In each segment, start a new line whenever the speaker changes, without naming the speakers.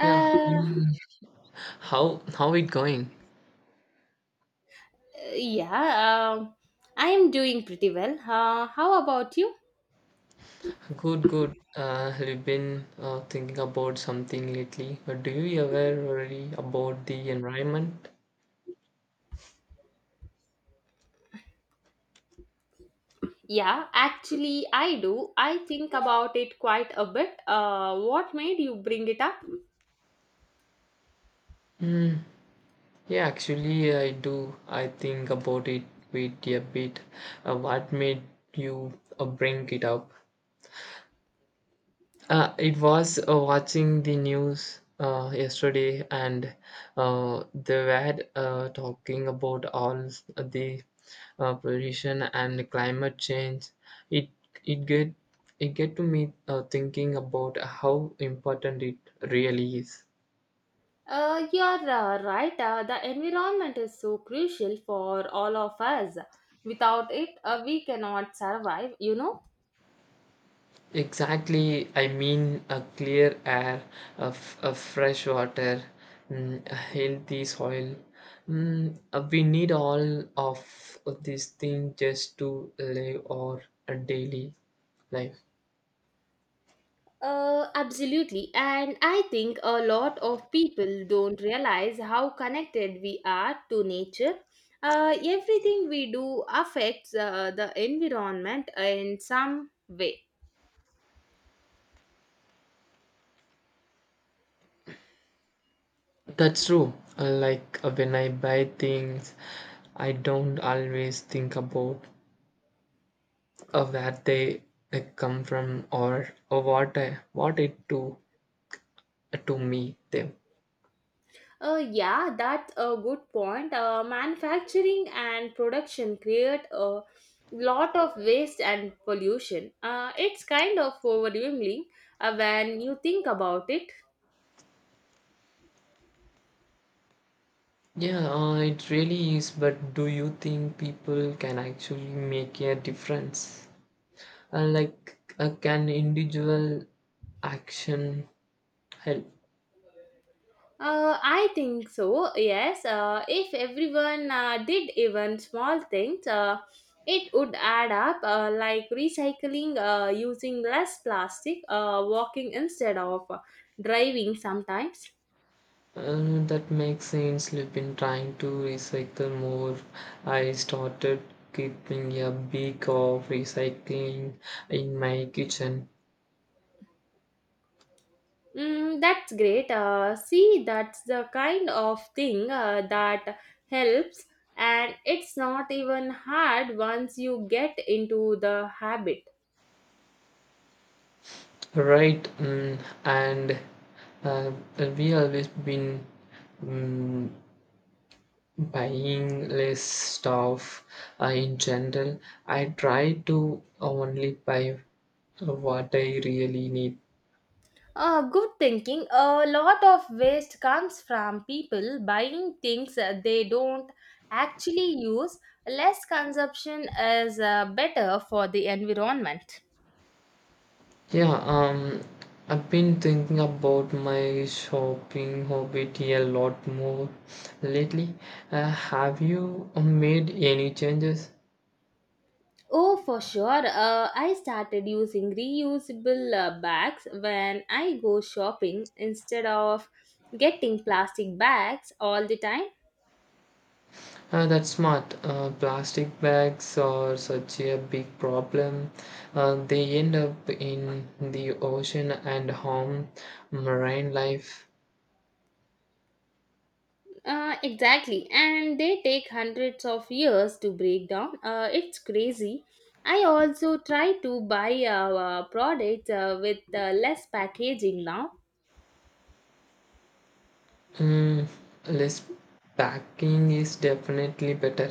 Yeah. Mm. How it going?
yeah, I am doing pretty well. How about you?
Good, good. Have you been thinking about something lately? Or do you ever worry about the environment?
Yeah, actually, I do. I think about it quite a bit. What made you bring it up?
Mm. Yeah, actually, I do. I think about it with a bit. What made you bring it up? It was watching the news yesterday, and they were talking about all the pollution and climate change. It it get it get to me thinking about how important it really is.
You're right. The environment is so crucial for all of us. Without it, we cannot survive.
Exactly, I mean a clear air, a fresh water, a healthy soil. We need all of these things just to live our daily life.
Absolutely. And I think a lot of people don't realize how connected we are to nature. Everything we do affects the environment in some way.
That's true. Like when I buy things, I don't always think about where they come from or what I, what it to me them.
Yeah, that's a good point. Manufacturing and production create a lot of waste and pollution. It's kind of overwhelming when you think about it.
Yeah, it really is. But do you think people can actually make a difference? Can individual action help?
I think so. Yes. If everyone did even small things, it would add up. Like recycling, using less plastic, walking instead of driving sometimes.
That makes sense. I've been trying to recycle more. I started keeping a big of recycling in my kitchen.
Mm, that's great. See, that's the kind of thing that helps, and it's not even hard once you get into the habit.
Right, mm, and uh, we always been. Mm, buying less stuff in general, I try to only buy what I really need.
Good thinking. A lot of waste comes from people buying things they don't actually use. Less consumption is better for the environment.
Yeah, I've been thinking about my shopping habit a lot more lately. Have you made any changes?
Oh, for sure. I started using reusable bags when I go shopping instead of getting plastic bags all the time.
That's smart. Plastic bags are such a big problem. They end up in the ocean and harm marine life.
Exactly, and they take hundreds of years to break down. It's crazy. I also try to buy products with less packaging now.
Mm, less packing is definitely better.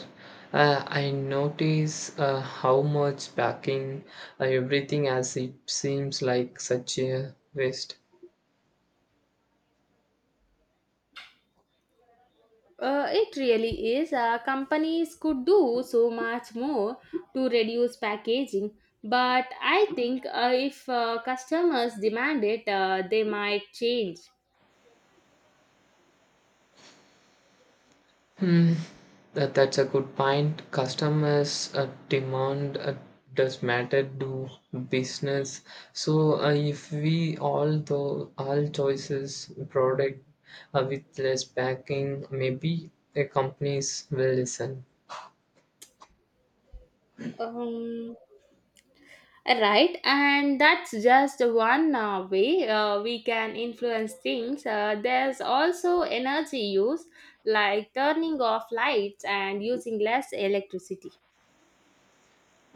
I notice how much packing everything as it seems like such a waste.
It really is. Companies could do so much more to reduce packaging, but I think if customers demand it, they might change.
Hmm, that's a good point. Customers demand does matter to business. So if we all though all choices product with less packing, maybe the companies will listen.
Um, Right, and that's just one way we can influence things. There's also energy use, like turning off lights and using less electricity.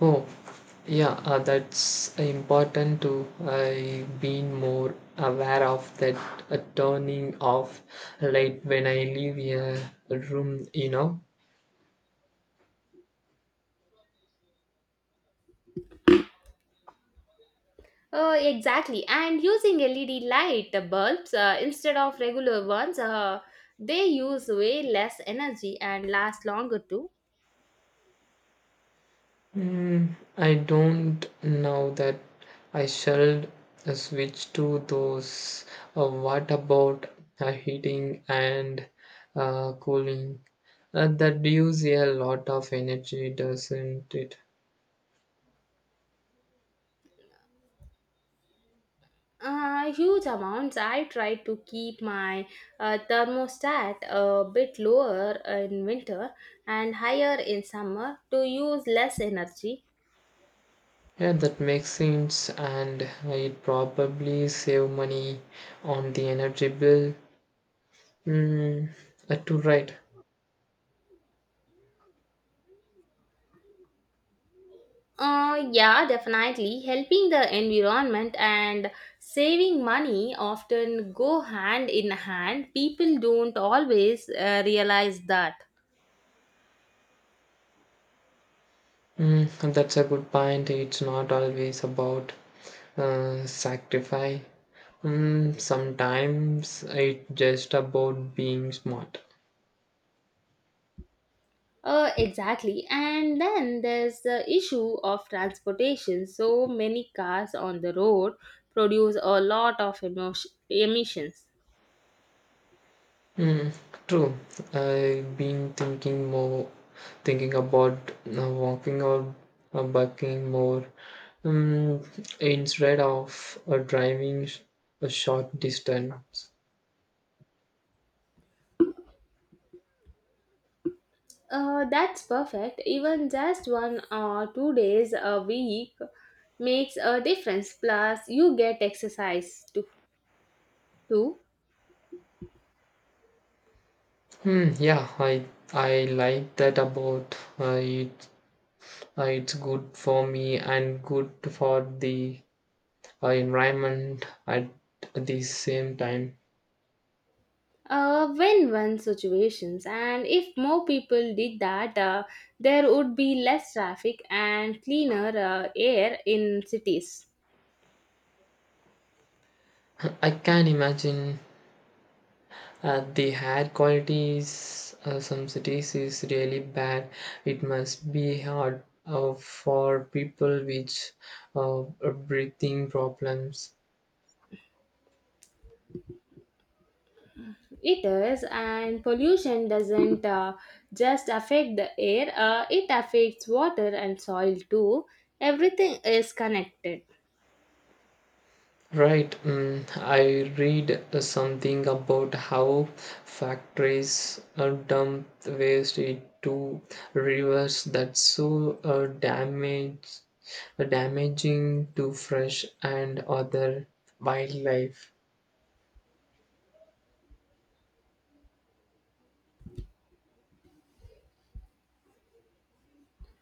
Oh, yeah, that's important too. I've been more aware of that turning off light when I leave a room, you know.
Oh, exactly, and using LED light bulbs instead of regular ones, they use way less energy and last longer too.
Mm, I don't know that I shall switch to those. What about heating and cooling? That use a lot of energy, doesn't it?
Huge amounts. I try to keep my thermostat a bit lower in winter and higher in summer to use less energy.
Yeah, that makes sense, and it probably save money on the energy bill. Mm, to write.
Yeah, definitely. Helping the environment and saving money often go hand in hand. People don't always realize that.
Mm, that's a good point. It's not always about sacrifice. Mm, sometimes it's just about being smart.
Exactly. And then there's the issue of transportation. So many cars on the road produce a lot of emissions.
Mm, true. I've been thinking more, thinking about walking or biking more um, instead of a short distance.
That's perfect. Even just 1 or 2 days a week makes a difference. Plus, you get exercise too.
Hmm, yeah, I like that about it. It's good for me and good for the environment at the same time.
Win-win situations, and if more people did that, there would be less traffic and cleaner air in cities.
I can imagine. The air quality is some cities is really bad. It must be hard for people with uh, breathing problems.
It is, and pollution doesn't just affect the air, it affects water and soil too. Everything is connected.
Right. Mm, I read something about how factories dump waste into rivers. That's so damage damaging to fresh and other wildlife.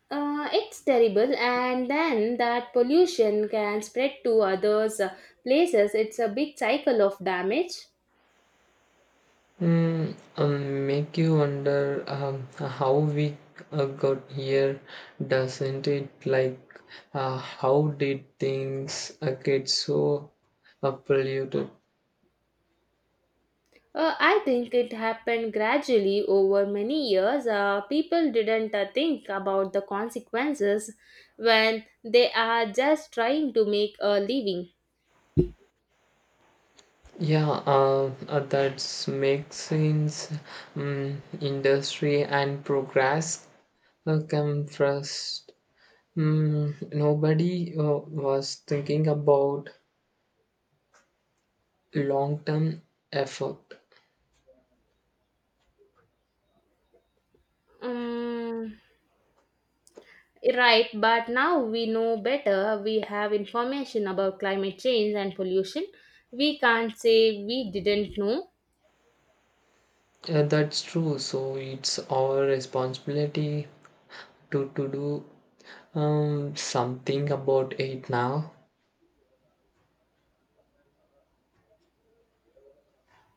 It's terrible, and then that pollution can spread to others places. It's a big cycle of damage.
Make you wonder how we got here, doesn't it? Like, how did things get so polluted?
I think it happened gradually over many years. People didn't think about the consequences when they are just trying to make a living.
Yeah, that makes sense. Mm, industry and progress come first. Mm, nobody was thinking about long-term effort.
Mm, right, but now we know better. We have information about climate change and pollution. We can't say we didn't know.
Yeah, that's true. So it's our responsibility to do something about it now.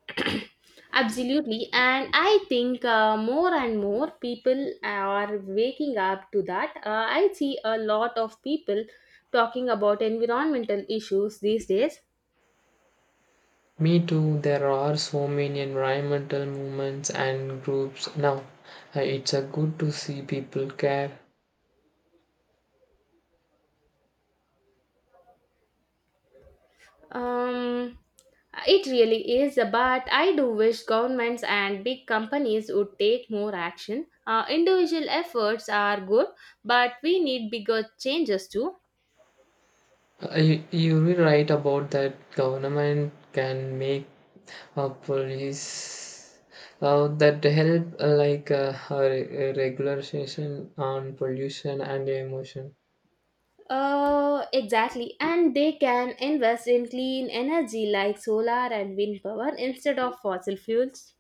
Absolutely, and I think more and more people are waking up to that. I see a lot of people talking about environmental issues these days.
Me too. There are so many environmental movements and groups now. It's a good to see people care.
Um, it really is, but I do wish governments and big companies would take more action. Individual efforts are good, but we need bigger changes too.
You're right about that. Government can make police that help regularization on pollution and emotion.
Exactly, and they can invest in clean energy like solar and wind power instead of fossil fuels.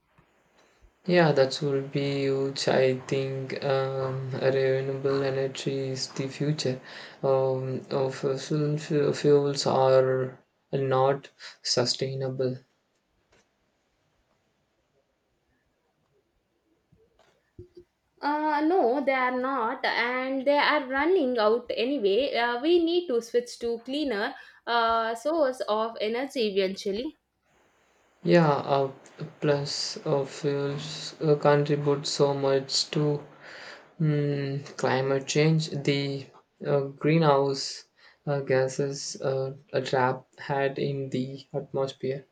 Yeah, that would be huge. I think renewable energy is the future. Fuels are not sustainable.
No, they are not, and they are running out anyway. We need to switch to cleaner source of energy eventually.
Yeah, plus fuels contribute so much to climate change. The greenhouse gases are trapped had in the atmosphere.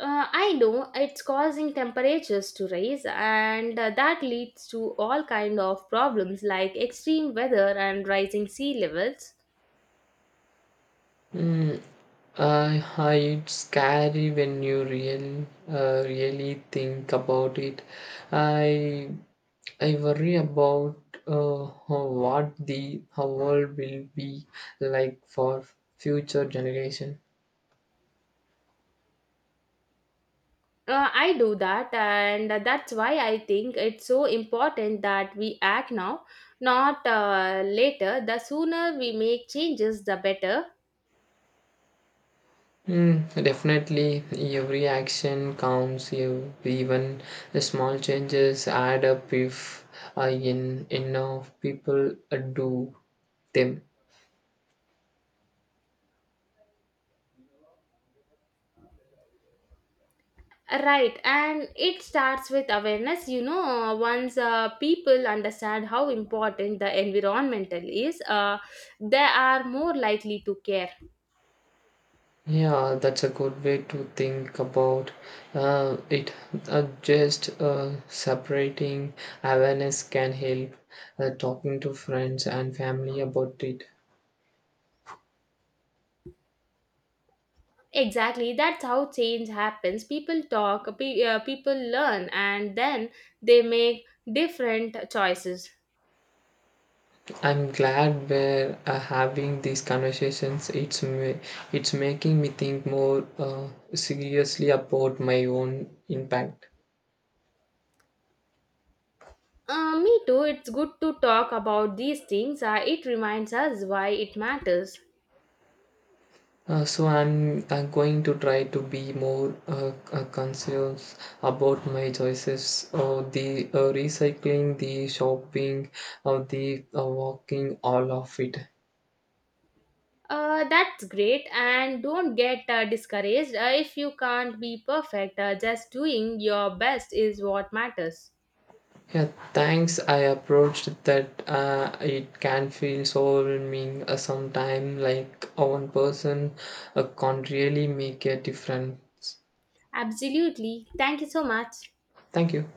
I know it's causing temperatures to rise, and that leads to all kind of problems like extreme weather and rising sea levels.
Mm, Hi, it's scary when you really think about it. I, I worry about how- what the how world will be like for future generation.
I do that, and that's why I think it's so important that we act now, not later. The sooner we make changes, the better.
Hmm, definitely, every action counts. Even the small changes add up if enough people do them.
Right, and it starts with awareness. Once people understand how important the environmental is, they are more likely to care.
Yeah, that's a good way to think about it. Just Separating awareness can help. Talking to friends and family about it.
Exactly, that's how change happens. People talk, people learn, and then they make different choices.
I'm glad we're having these conversations. It's making me think more seriously about my own impact.
Me too. It's good to talk about these things. It reminds us why it matters.
So I'm going to try to be more conscious about my choices. The recycling, the shopping, the walking, all of it.
That's great. And don't get discouraged if you can't be perfect. Just doing your best is what matters.
Yeah, thanks. I approached that. It can feel so overwhelming sometimes. Like one person can't really make a difference.
Absolutely. Thank you so much.
Thank you.